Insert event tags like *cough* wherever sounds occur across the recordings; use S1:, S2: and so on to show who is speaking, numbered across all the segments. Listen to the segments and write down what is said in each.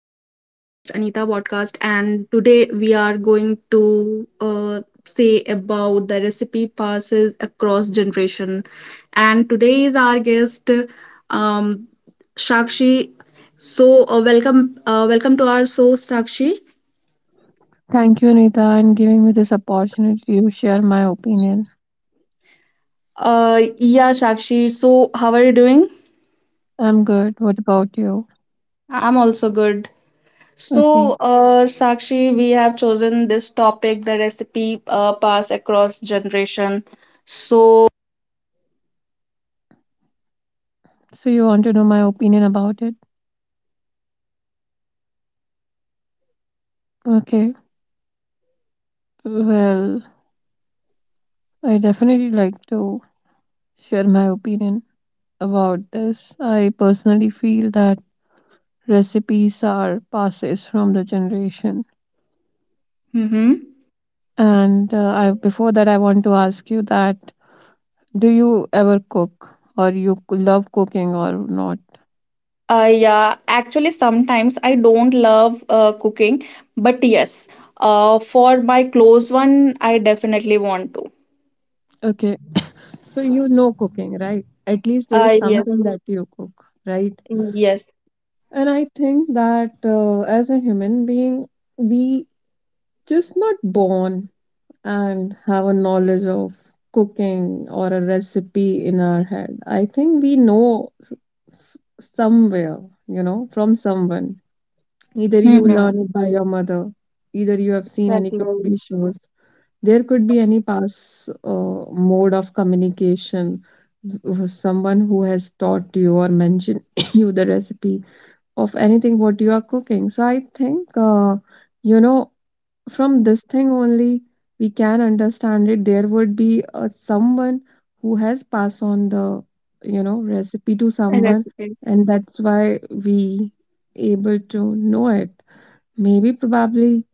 S1: our podcast, Anita Podcast. And today we are going to say about the recipe passes across generation. And today is our guest, um, Shakshi. So welcome, welcome to our show, Sakshi.
S2: Thank you, Anita, and giving me this opportunity to share my opinion.
S1: Yeah, Shakshi. So how are you doing?
S2: I'm good. What about you?
S1: I'm also good.
S2: Okay.
S1: So, Sakshi, we have chosen this topic, the recipe pass across generation. So,
S2: So you want to know my opinion about it? Okay. Well, I definitely like to share my opinion about this. I personally feel that recipes are passes from the generation.
S1: hmm.
S2: And I before that I want to ask you that do you ever cook or love cooking or not?
S1: Yeah, actually, sometimes I don't love cooking, but yes, for my close one, I definitely want to.
S2: Okay. So you know cooking, right? At least there is
S1: Yes,
S2: something that you cook, right?
S1: yes.
S2: And I think that as a human being, we just not born and have a knowledge of cooking or a recipe in our head. I think we know somewhere, from someone. Either you
S1: Mm-hmm.
S2: learn it by your mother, either you have seen any
S1: Exactly.
S2: cookery shows. There could be any past mode of communication. Someone who has taught you or mentioned *coughs* you the recipe of anything what you are cooking. So I think, you know, from this thing only we can understand it. There would be someone who has passed on the, recipe to
S1: And
S2: someone,
S1: Recipes.
S2: and that's why we able to know it. Maybe probably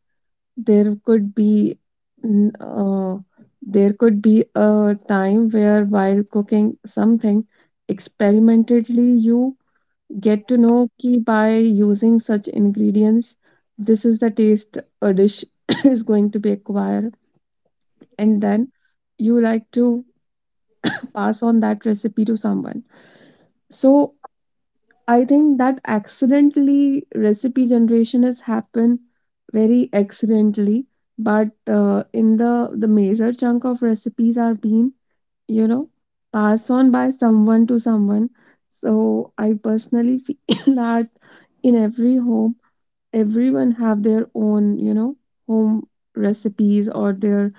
S2: there could be n- uh, there could be a time where, while cooking something experimentally, you get to know ki by using such ingredients this is the taste a dish *coughs* is going to be acquired. And then you like to pass on that recipe to someone. So I think that accidentally recipe generation has happened very accidentally, but in the major chunk of recipes are being you know passed on by someone to someone. So I personally feel *coughs* that in every home, everyone have their own home recipes or their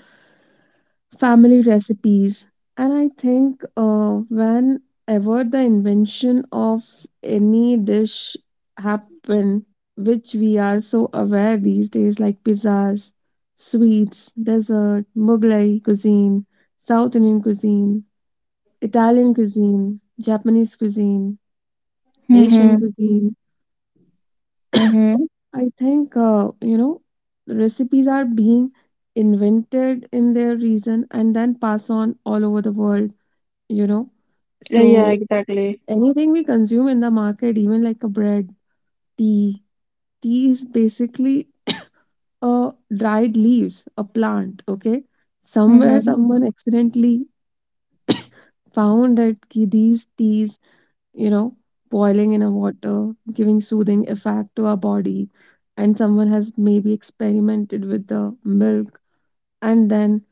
S2: family recipes. And I think whenever the invention of any dish happen, which we are so aware these days, like pizzas, sweets, dessert, Mughlai cuisine, South Indian cuisine, Italian cuisine, Japanese cuisine, Asian
S1: Mm-hmm.
S2: cuisine,
S1: Mm-hmm.
S2: I think, the recipes are being invented in their reason and then pass on all over the world you know.
S1: Yeah,
S2: So
S1: exactly.
S2: anything we consume in the market, even like a bread, tea, tea is basically a dried leaves, a plant, okay? Somewhere
S1: Mm-hmm.
S2: someone accidentally found that ki these teas, you know, boiling in a water, giving soothing effect to our body, and someone has maybe experimented with the milk, and then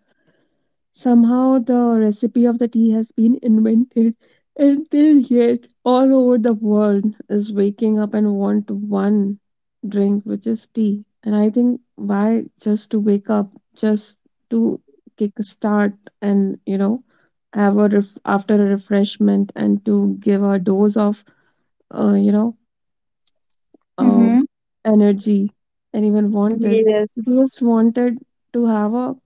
S2: somehow the recipe of the tea has been invented, and till yet all over the world is waking up and want one drink which is tea. And I think why just to wake up, just to kick start, and have a after a refreshment, and to give a dose of uh, you know uh,
S1: Mm-hmm.
S2: energy anyone wanted.
S1: Yes.
S2: They just wanted to have a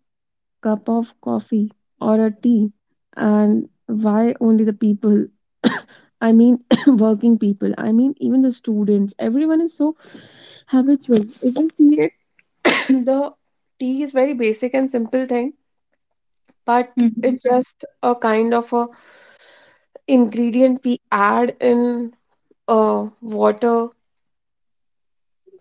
S2: cup of coffee or a tea. And why only the people, *coughs* I mean, *coughs* working people, I mean even the students, everyone is so habitual if you see it. *coughs* The tea is very basic and simple thing, but
S1: Mm-hmm.
S2: it's just a kind of a ingredient we add in uh, water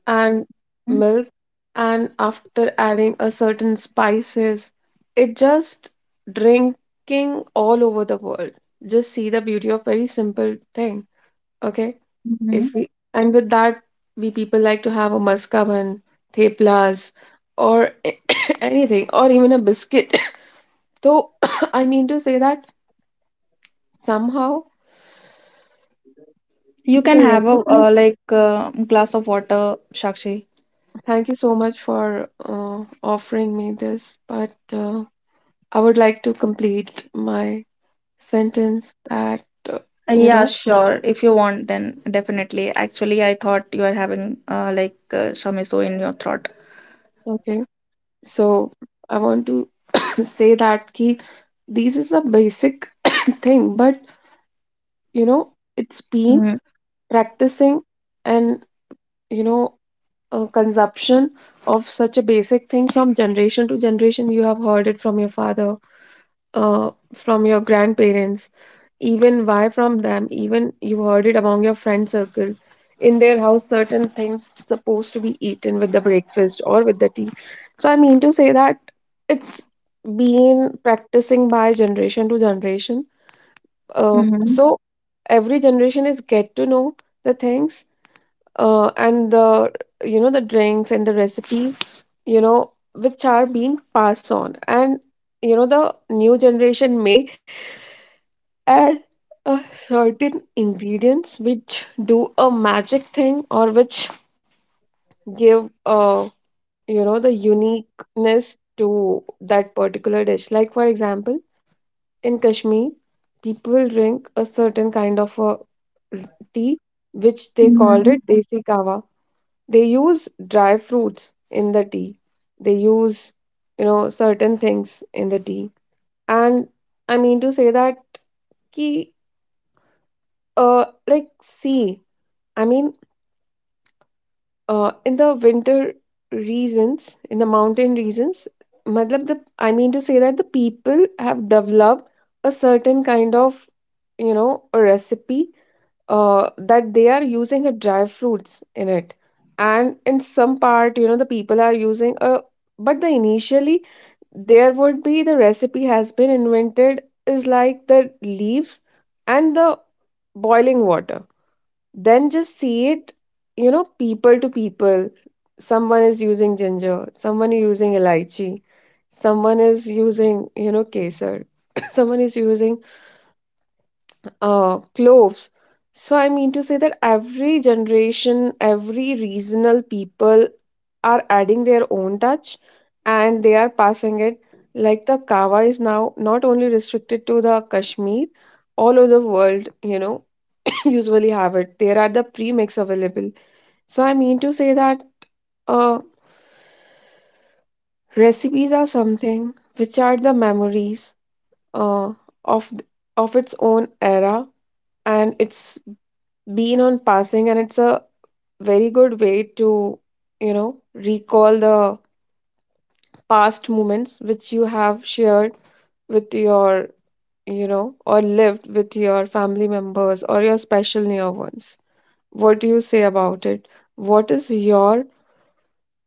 S2: and milk, and after adding a certain spices it just drinking all over the world. Just see the beauty of very simple thing, okay?
S1: Mm-hmm.
S2: If we and with that, we people like to have a maskaban, theplas or *coughs* anything, or even a biscuit. *coughs* So, *coughs* I mean to say that somehow
S1: You can
S2: the
S1: have a
S2: recipes,
S1: like glass of water, Sakshi.
S2: thank you so much for offering me this, but I would like to complete my sentence that, uh, you
S1: Yeah,
S2: know,
S1: sure. If you want, then definitely. Actually, I thought you are having like some issue in your throat.
S2: Okay. So I want to *coughs* say that ki this is a basic *coughs* thing, but you know, it's been
S1: Mm-hmm.
S2: practicing, and you know, consumption of such a basic thing from generation to generation. You have heard it from your father, uh, from your grandparents. Even why from them, even you heard it among your friend circle in their house certain things supposed to be eaten with the breakfast or with the tea. So I mean to say that it's been practicing by generation to generation.
S1: Mm-hmm.
S2: So every generation is get to know the things, and the the drinks and the recipes, which are being passed on. And the new generation may add a certain ingredients which do a magic thing, or which give uh the uniqueness to that particular dish. Like for example, in Kashmir people drink a certain kind of a tea which they called
S1: Mm-hmm.
S2: it desi kawa. They use dry fruits in the tea, they use certain things in the tea. And I mean to say that ki, uh like see, I mean, in the winter regions, in the mountain regions, matlab the I mean to say that the people have developed a certain kind of a recipe that they are using a dry fruits in it, and in some part the people are using a, but the initially there would be the recipe has been invented is like the leaves and the boiling water. Then just see it, people to people. Someone is using ginger, someone is using elaichi, someone is using, kesar, *coughs* someone is using cloves. So I mean to say that every generation, every regional people are adding their own touch, and they are passing it. Like the kava is now not only restricted to the Kashmir, all over the world, *coughs* usually have it. There are the pre mix available. So I mean to say that uh, recipes are something which are the memories uh, of of its own era, and it's been on passing, and it's a very good way to recall the past moments which you have shared with your or lived with your family members or your special near ones. What do you say about it? What is your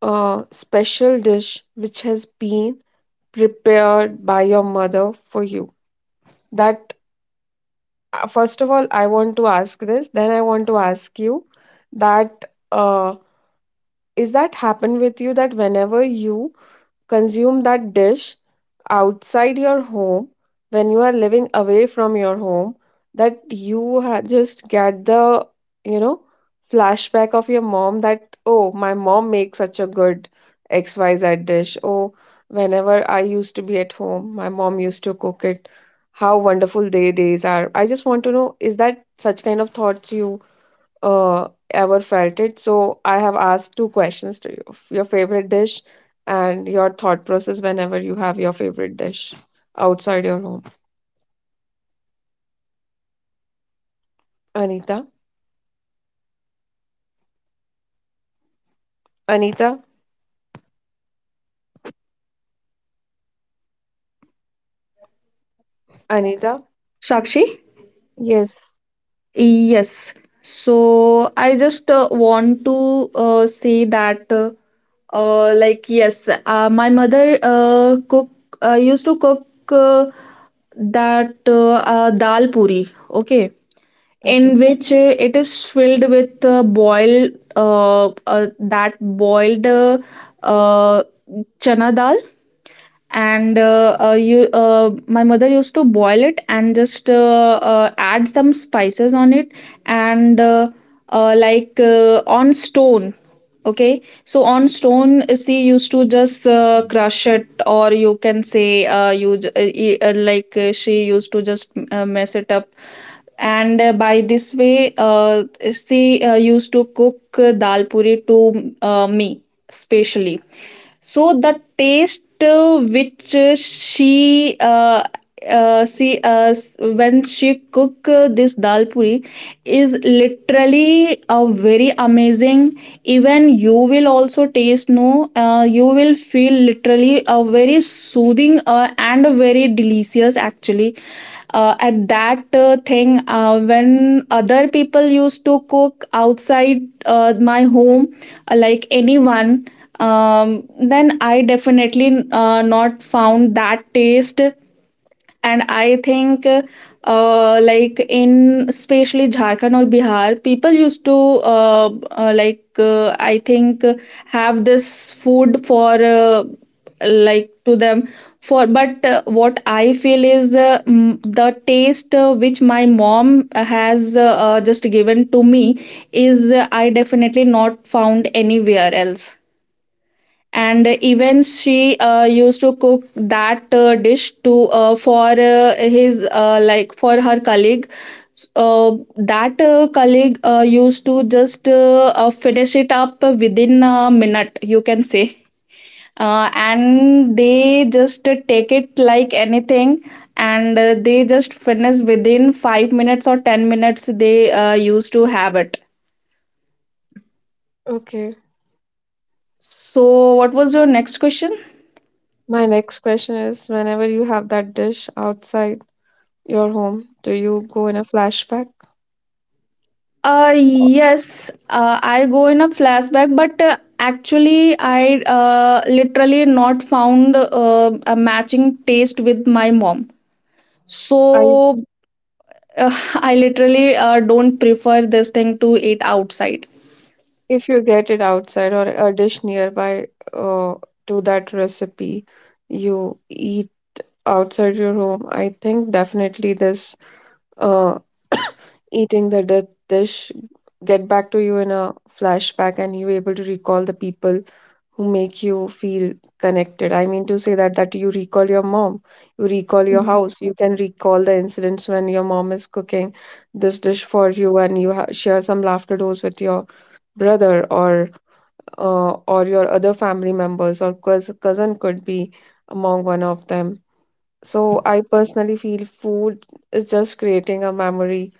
S2: a special dish which has been prepared by your mother for you? That first of all, I want to ask this. Then I want to ask you that uh, is that happen with you that whenever you consume that dish outside your home, when you are living away from your home, that you just get the you know flashback of your mom that, oh, my mom makes such a good XYZ dish. Oh, whenever I used to be at home, my mom used to cook it. How wonderful they days are. I just want to know is that such kind of thoughts you ever felt it. So I have asked two questions to you: your favorite dish, and your thought process whenever you have your favorite dish outside your home. Anita, Anita, Anita.
S1: Sakshi?
S2: Yes.
S1: Yes. So I just want to say that like yes, my mother cook used to cook uh, that dal puri. Okay,
S2: Okay.
S1: in which it is filled with boiled that boiled uh, chana dal, and you my mother used to boil it and just add some spices on it, and like on stone. Okay, so on stone she used to just crush it, or you can say like she used to just mess it up, and by this way she used to cook dal puri to me specially. So the taste which when she cook this dal puri is literally very amazing. Even you will also taste, no, you will feel literally a very soothing and very delicious actually at that thing when other people used to cook outside my home, like anyone, then I definitely not found that taste. And I think, like in especially Jharkhand or Bihar, people used to like I think have this food for, like to them for. But what I feel is the taste which my mom has just given to me is, I definitely not found anywhere else. And even she used to cook that dish to for his like for her colleague. uh, that colleague used to just finish it up within a minute, you can say, and they just take it like anything, and they just finish within 5 minutes or 10 minutes they used to have it.
S2: Okay.
S1: So what was your next question?
S2: My next question is: whenever you have that dish outside your home, do you go in a flashback?
S1: Yes, I go in a flashback, but actually, I literally not found a matching taste with my mom.
S2: I
S1: So *laughs* I literally don't prefer this thing to eat outside.
S2: If you get it outside or a dish nearby uh, to that recipe, you eat. Outside your home, I think definitely this uh, eating the dish get back to you in a flashback, and you able to recall the people who make you feel connected. I mean to say that that you recall your mom, you recall your
S1: Mhm.
S2: house, you can recall the incidents when your mom is cooking this dish for you, and you share some laughter dose with your brother or your other family members or cousin could be among one of them. So I personally feel food is just creating a memory,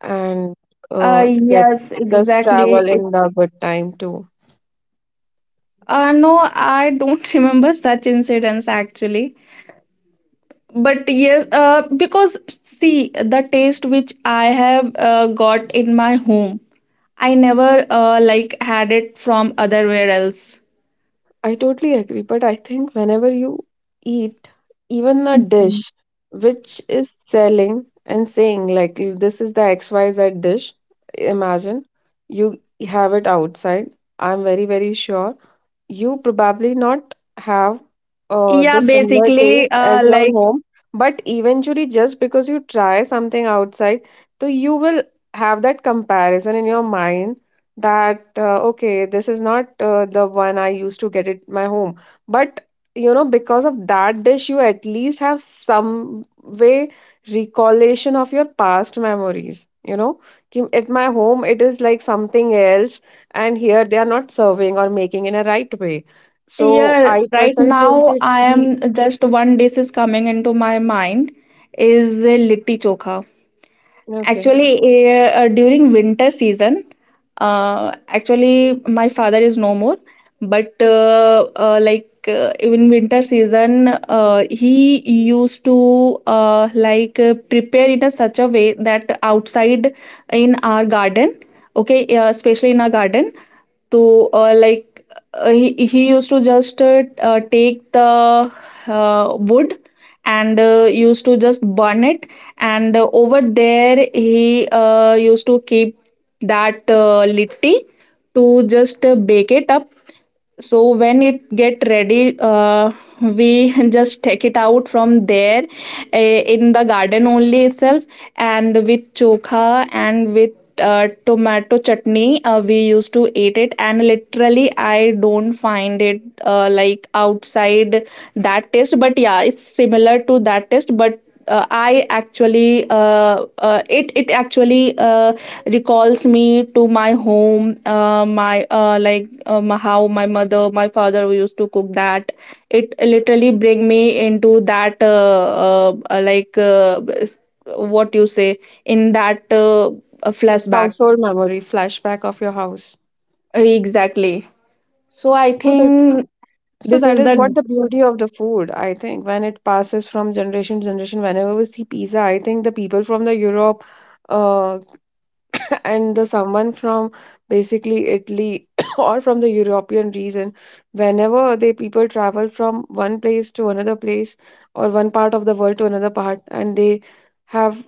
S2: and
S1: Uh,
S2: get
S1: yes,
S2: just
S1: exactly.
S2: travel in the good time too.
S1: No, I don't *laughs* remember such incidents actually. But yes, because see, the taste which I have got in my home, I never like had it from otherwhere else.
S2: I totally agree, but I think whenever you eat even a
S1: Mhm.
S2: dish which is selling and saying like this is the XYZ dish, imagine you have it outside. I'm very, very sure you probably not have
S1: Yeah,
S2: the similar
S1: basically,
S2: taste as your home, but eventually just because you try something outside, so you will have that comparison in your mind that, okay, this is not the one I used to get at my home. But because of that dish you at least have some way recollection of your past memories, कि at my home it is like something else, and here they are not serving or making in a right way. So
S1: yeah,
S2: I
S1: right
S2: personally felt
S1: now
S2: it
S1: I
S2: key
S1: am just one dish is coming into my mind, is a litti chokha.
S2: okay,
S1: Actually, during winter season, actually my father is no more, but like in winter season, he used to like prepare in a such a way that outside in our garden, okay, especially in our garden. So, like he used to just take the wood and used to just burn it, and over there he used to keep that litti to just bake it up. So when it get ready, we *laughs* just take it out from there, uh, in the garden only itself, and with chokha and with tomato chutney we used to eat it, and literally I don't find it like outside that taste. But yeah, it's similar to that taste, but I actually it it actually recalls me to my home, my like how my mother, my father used to cook that. It literally bring me into that like what you say, in that flashback.
S2: household memory flashback of your house.
S1: Exactly. So I
S2: So that
S1: think
S2: so
S1: this
S2: that
S1: is
S2: is
S1: the.
S2: what the beauty of the food I think when it passes from generation to generation. Whenever we see pizza, I think the people from the Europe. Uh, *laughs* and the someone from basically Italy *coughs* or from the European region, whenever they people travel from one place to another place or one part of the world to another part, and they have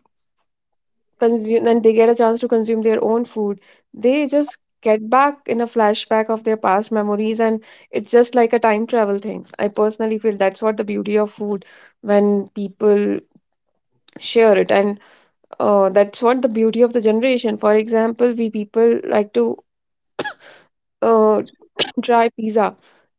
S2: consume and they get a chance to consume their own food they just get back in a flashback of their past memories and it's just like a time travel thing I personally feel that's what the beauty of food when people share it and that's what the beauty of the generation. For example, we people like to uh, *clears throat* try pizza.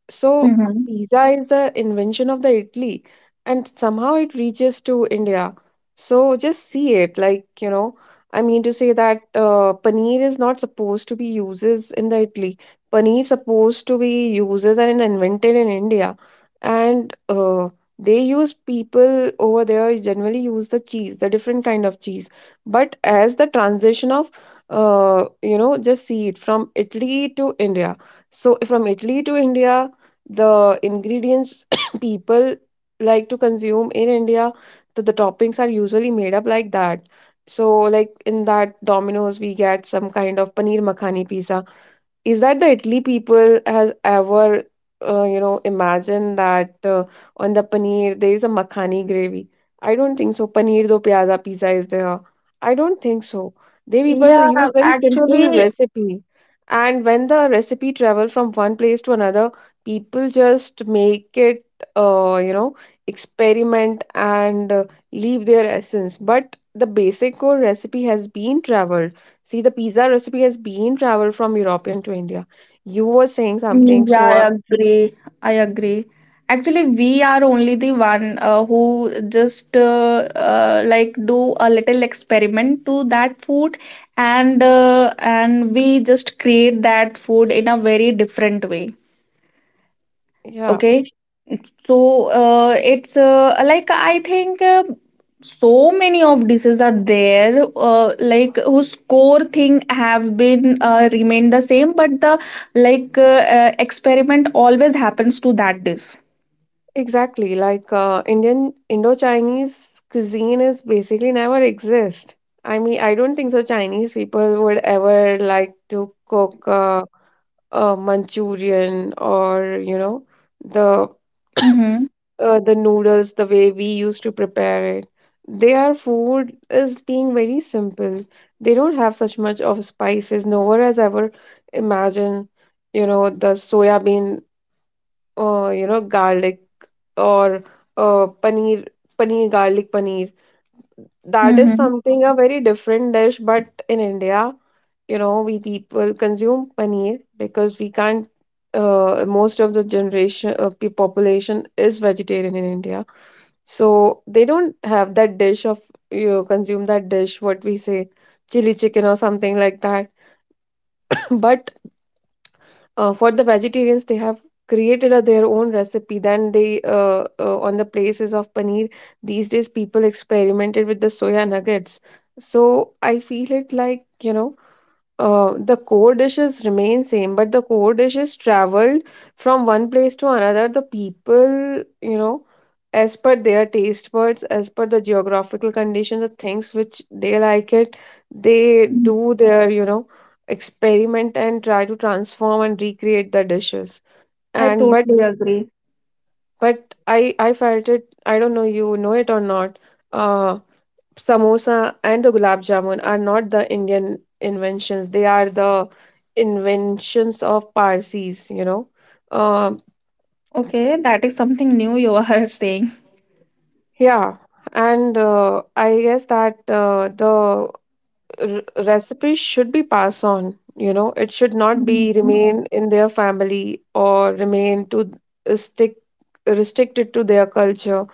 S2: So
S1: Mhm.
S2: pizza is the invention of the Italy, and somehow it reaches to India. So just see it, like you know, I mean to say that paneer is not supposed to be uses in the Italy. Paneer supposed to be uses and invented in India, and they use people over there generally use the cheese, the different kind of cheese. But as the transition of you know, just see it from Italy to India. So from Italy to India, the ingredients *coughs* people like to consume in India, the toppings are usually made up like that. So like in that Domino's, we get some kind of paneer makhani pizza. Is that the Italy people has ever you know imagined that on the paneer there is a makhani gravy? I don't think so. Paneer do pyaza pizza is there. I don't think so. They people
S1: Yeah,
S2: use very simple
S1: actually.
S2: recipe, and when the recipe travel from one place to another, people just make it you know experiment and leave their essence. But the basic core recipe has been traveled. See, the pizza recipe has been traveled from European to India. You were saying
S1: Mm,
S2: something,
S1: yeah,
S2: so
S1: I agree. I agree. Actually, we are only the one who just like do a little experiment to that food, and we just create that food in a very different way.
S2: yeah,
S1: Okay. So it's like I think so many of dishes are there, like whose core thing have been remained the same, but the, like experiment always happens to that dish.
S2: exactly. Like Indian Indo-Chinese cuisine is basically never exist. I mean, I don't think so. Chinese people would ever like to cook Manchurian or you know the
S1: Mm-hmm.
S2: the noodles the way we used to prepare it. Their food is being very simple, they don't have such much of spices. No one has ever imagined, you know, the soya bean, you know, garlic or paneer, garlic paneer. That is
S1: Mm-hmm.
S2: something a very different dish, but in India, you know, we people consume paneer because we can't. Most of the generation, population is vegetarian in India, so they don't have that dish of you consume that dish, what we say, chili chicken or something like that. *laughs* *clears throat* But for the vegetarians, they have created a, their own recipe. Then they on the places of paneer. These days, people experimented with the soya nuggets. So I feel it like you know the core dishes remain same, but the core dishes traveled from one place to another. The people, you know, as per their taste buds, as per the geographical condition, the things which they like it, they do their, you know, experiment and try to transform and recreate the dishes.
S1: I
S2: And
S1: totally agree.
S2: but I felt it. I don't know you know it or not. Uh, Samosa and the gulab jamun are not the Indian inventions. They are the inventions of Parsis, you know. Um
S1: Okay, that is something new you are *laughs* saying.
S2: yeah, and I guess that the recipes should be passed on, you know, it should not be
S1: Mm-hmm.
S2: remain in their family or remain to stick restricted to their culture,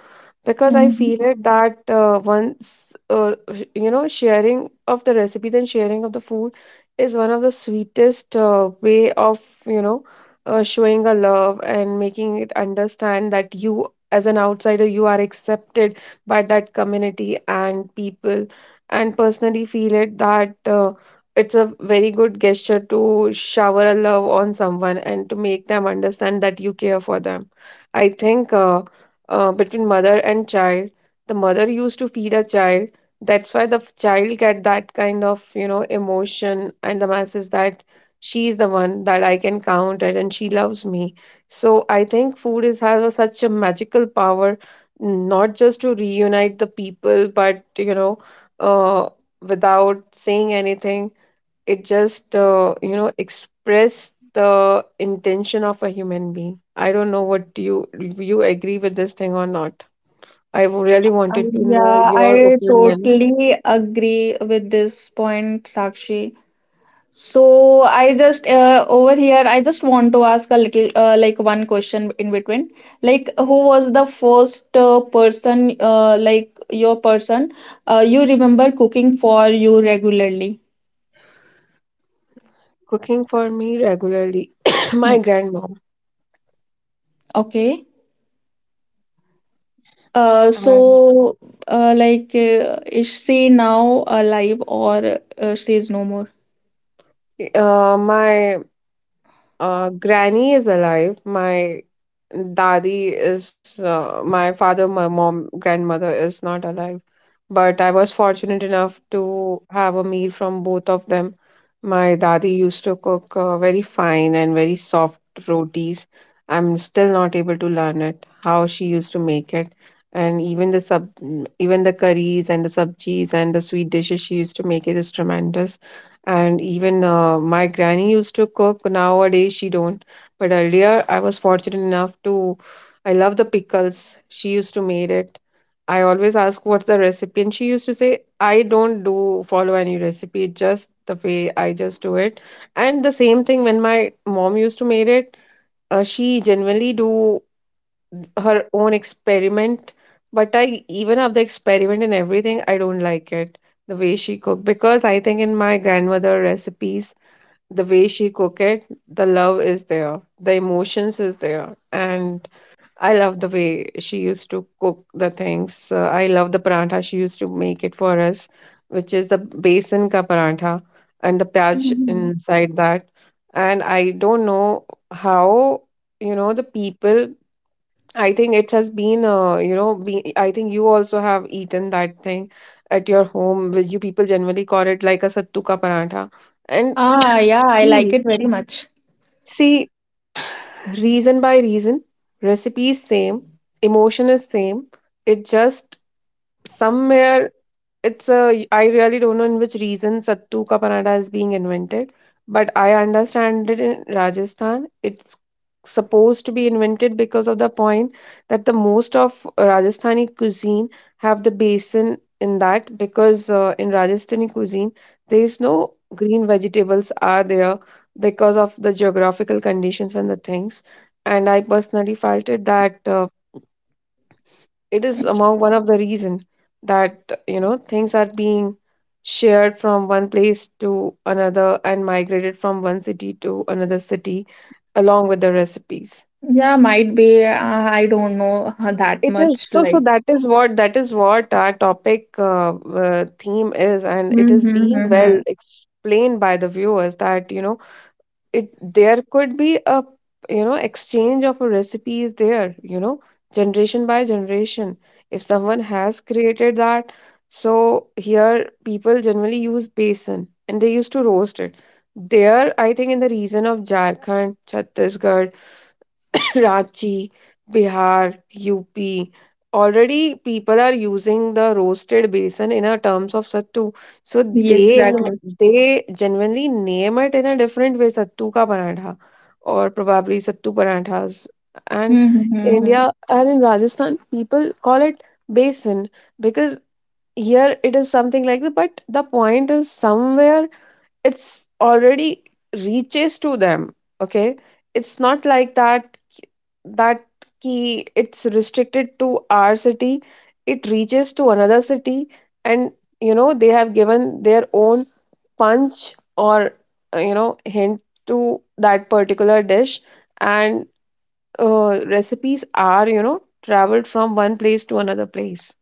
S2: because I
S1: Mm-hmm.
S2: feel it that once you know sharing of the recipes and sharing of the food is one of the sweetest way of you know showing a love and making it understand that you as an outsider you are accepted by that community and people, and personally feel it that it's a very good gesture to shower a love on someone and to make them understand that you care for them. I think between mother and child, the mother used to feed a child. That's why the child get that kind of you know emotion and the message that she is the one that I can count it and she loves me. So I think food is has a, such a magical power, not just to reunite the people, but you know uh, without saying anything. It just, you know, express the intention of a human being. I don't know what you agree with this thing or not. I really
S1: Uh,
S2: wanted to know
S1: yeah, I
S2: your opinion.
S1: totally agree with this point, Sakshi. So I just over here I just want to ask a little like one question in between, like who was the first person, like your person you remember cooking for you regularly?
S2: Cooking for me regularly, *coughs*
S1: Hmm.
S2: my grandmom
S1: Okay.
S2: and
S1: So like is she now alive, or she is no more?
S2: my granny is alive. My daddy is, my father, my mom, grandmother is not alive. But I was fortunate enough to have a meal from both of them. My daddy used to cook very fine and very soft rotis. I'm still not able to learn it, how she used to make it. And even even the curries and the sabjis and the sweet dishes she used to make it is tremendous. And even my granny used to cook nowadays she don't, but earlier I was fortunate enough to, I love the pickles she used to made it. I always ask what's the recipe, and she used to say I don't do follow any recipe, just the way I just do it. And the same thing when my mom used to made it, she generally do her own experiment, but I even of the experiment and everything I don't like it, the way she cook, because I think in my grandmother recipes the way she cook it, the love is there, the emotions is there, and I love the way she used to cook the things. So I love the parantha she used to make it for us, which is the besan ka parantha and the pyaj
S1: Mhm.
S2: inside that, and I don't know how you know the people. I think it has been, you know, I think you also have eaten that thing at your home, which you people generally call it like a sattu ka parantha. And
S1: Ah yeah, I like
S2: see,
S1: it very much.
S2: see, reason by reason, recipe is same, emotion is same. It just somewhere, it's a, I really don't know in which region Sattu ka panada is being invented, but I understand it in Rajasthan. It's supposed to be invented because of the point that the most of Rajasthani cuisine have the basin in that, because in Rajasthani cuisine there is no green vegetables are there because of the geographical conditions and the things. And I personally felt it that it is among one of the reason that you know things are being shared from one place to another and migrated from one city to another city along with the recipes.
S1: Yeah, might be, I don't know that
S2: It is
S1: much
S2: so, so
S1: like.
S2: that is what, our topic theme is, and it
S1: Hmm.
S2: is being well
S1: Hmm.
S2: explained by the viewers that you know it, there could be a, you know, exchange of recipes there, you know, generation by generation, if someone has created that. So here people generally use besan and they used to roast it. There I think in the region of Jharkhand, Chhattisgarh, Karachi, Bihar, UP. Already people are using the roasted besan in a terms of sattu. So
S1: Yeah, exactly.
S2: they genuinely name it in a different way, sattu ka parantha or probably sattu paranthas. And
S1: Hmm, hmm, hmm,
S2: India
S1: hmm.
S2: and in Rajasthan, people call it besan because here it is something like that. But the point is somewhere it's already reaches to them. Okay, it's not like that that key it's restricted to our city, it reaches to another city and you know they have given their own punch or you know hint to that particular dish, and recipes are you know traveled from one place to another place,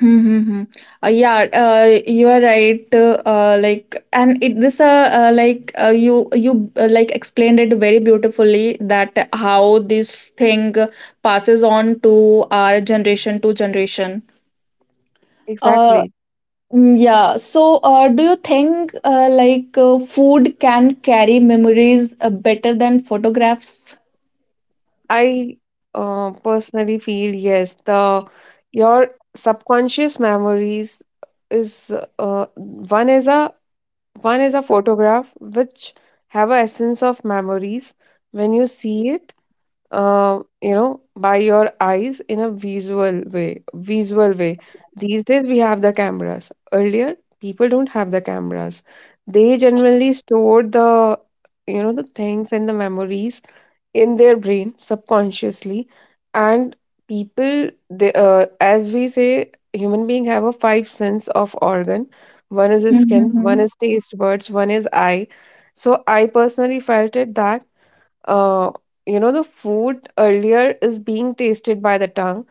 S1: Hmm, hmm, hmm. Yeah, you are right. Like, and it this you like explained it very beautifully that how this thing passes on to our generation to generation. Uh,
S2: exactly.
S1: yeah. So, do you think like food can carry memories better than photographs?
S2: I personally feel yes, the your subconscious memories is one is a, one is a photograph which have a essence of memories when you see it, you know, by your eyes in a visual way. Visual way. These days we have the cameras. Earlier, people don't have the cameras. They generally store the, you know, the things and the memories in their brain subconsciously, and people they, as we say human being have a 5 sense of organ, one is
S1: Hmm,
S2: skin,
S1: hmm,
S2: one
S1: hmm.
S2: is taste buds, one is eye. So I personally felt it that uh, you know the food earlier is being tasted by the tongue,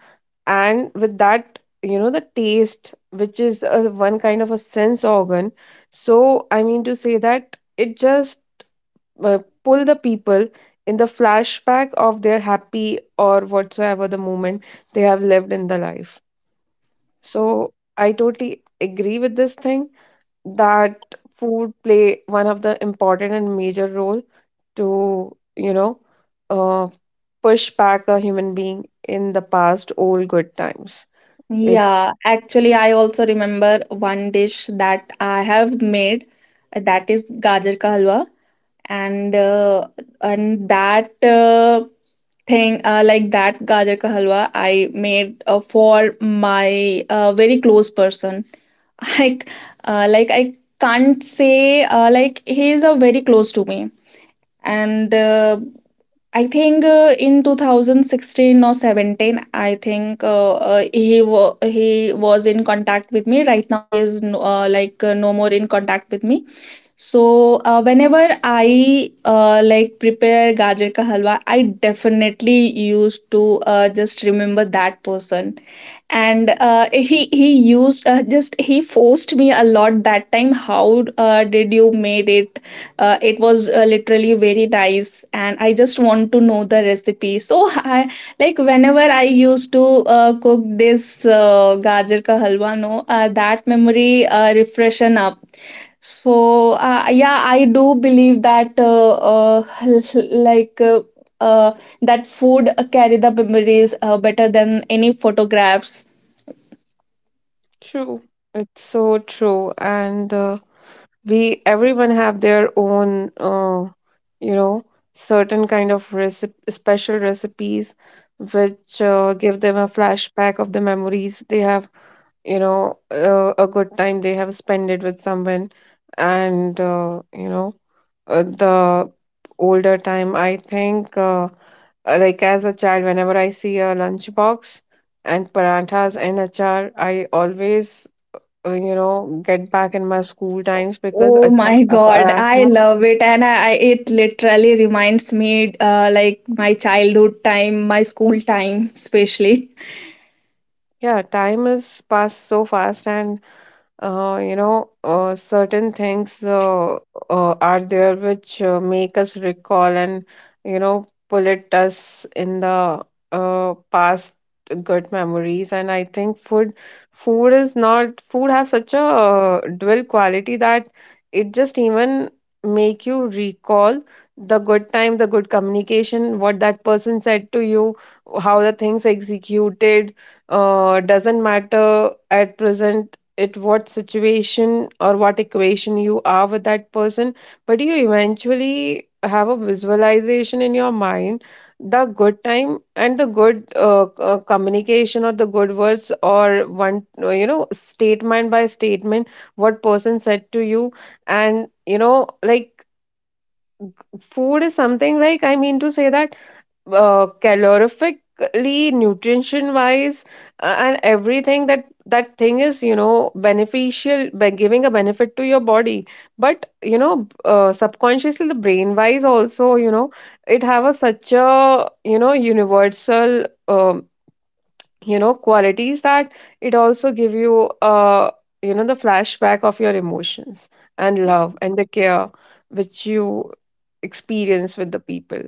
S2: and with that you know the taste which is a, one kind of a sense organ. So I mean to say that it just pull the people in the flashback of their happy or whatsoever the moment they have lived in the life. So I totally agree with this thing that food play one of the important and major role to you know uh, push back a human being in the past old good times. It
S1: Yeah, actually, I also remember one dish that I have made, that is gajar ka halwa, and that thing, like that gajar ka halwa I made for my very close person. *laughs* Like like I can't say like he is a very close to me, and I think in 2016 or 17, I think he was in contact with me. Right now, he is like no more in contact with me. So whenever I like prepare gajar ka halwa, I definitely used to just remember that person, and he used just he forced me a lot that time. How did you made it? It was literally very nice, and I just want to know the recipe. So I, like whenever I used to cook this gajar ka halwa, no, that memory refreshen up. So yeah, I do believe that *laughs* like uh, that food carry the memories better than any photographs.
S2: True. It's so true. And we, everyone have their own, you know, certain kind of recipe, special recipes which give them a flashback of the memories they have, a good time they have spent it with someone. And uh, you know uh, the older time I think, like as a child, whenever I see a lunchbox and paranthas and achar, I always, you know, get back in my school times because
S1: Oh
S2: achar,
S1: my God, I
S2: parantha.
S1: love it, and I it literally reminds me like my childhood time, my school time, especially. *laughs*
S2: Yeah, time is passed so fast and, certain things, are there which make us recall and, you know, pull at us in the past good memories. And I think food, food is not, food have such a dual quality that it just even make you recall the good time, the good communication, what that person said to you, how the things executed. Doesn't matter at present at what situation or what equation you are with that person, but you eventually have a visualization in your mind the good time and the good communication or the good words or one, you know, statement by statement, what person said to you. And you know, like, food is something, like, I mean to say that calorifically, nutrition wise, and everything, that that thing is, you know, beneficial by giving a benefit to your body. But you know, subconsciously, the brain wise also, you know, it have a such a, you know, universal you know, qualities that it also give you you know the flashback of your emotions and love and the care which you experience with the people,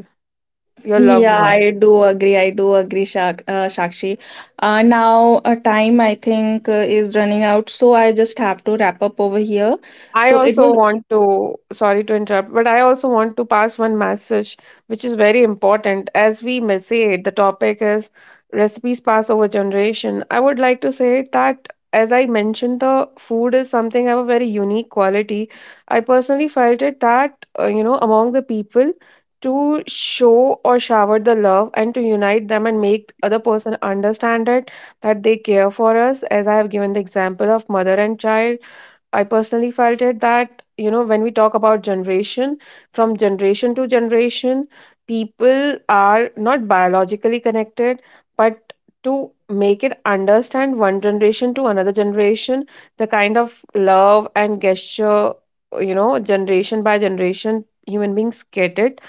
S2: your loved
S1: Yeah,
S2: one.
S1: I do agree. I do agree, Shakshi. Now, time I think is running out, so I just have to wrap up over here.
S2: I
S1: So it
S2: also
S1: was.
S2: want to, sorry to interrupt, but I also want to pass one message which is very important. As we may say, the topic is recipes pass over generation. I would like to say that, as I mentioned, the food is something of a very unique quality. I personally felt it that, you know, among the people, to show or shower the love and to unite them and make other person understand it that they care for us, as I have given the example of mother and child. I personally felt it that, you know, when we talk about generation, from generation to generation, people are not biologically connected, but to make it understand one generation to another generation, the kind of love and gesture, you know, generation by generation, human beings get it.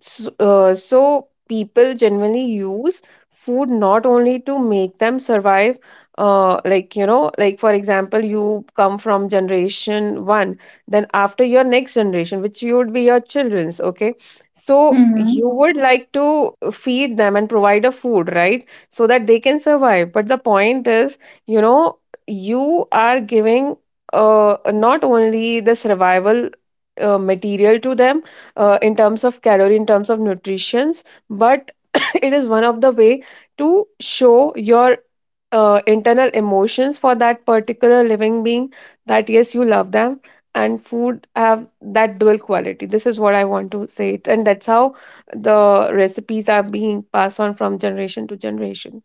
S2: So, so people generally use food not only to make them survive. Like, you know, like for example, you come from generation one, then after your next generation, which you would be your children's, okay? So
S1: Mhm.
S2: you would like to feed them and provide a food, right? So that they can survive. But the point is, you know, you are giving not only the survival material to them in terms of calorie, in terms of nutritions, but *coughs* *clears throat* it is one of the way to show your internal emotions for that particular living being, that yes, you love them. And food have that dual quality. This is what I want to say it, and that's how the recipes are being passed on from generation to generation.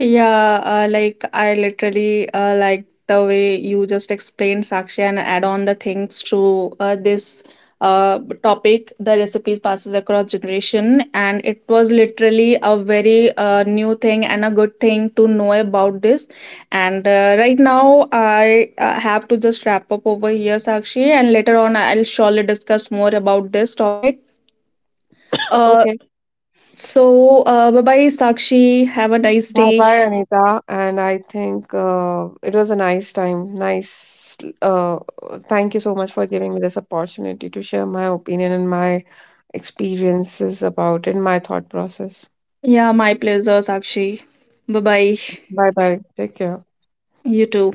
S1: Yeah, like I literally like the way you just explained, Sakshi, and add on the things to this topic. The recipe passes across generation, and it was literally a very new thing and a good thing to know about this. And right now, I have to just wrap up over here, Sakshi, and later on, I'll surely discuss more about this topic. Uh, so, bye bye, Sakshi. Have a nice
S2: Bye
S1: day.
S2: bye, Anita. And I think it was a nice time. Nice. Uh, thank you so much for giving me this opportunity to share my opinion and my experiences about it, my thought process.
S1: Yeah, my pleasure, Sakshi. Bye bye.
S2: Bye bye. Take care.
S1: You too.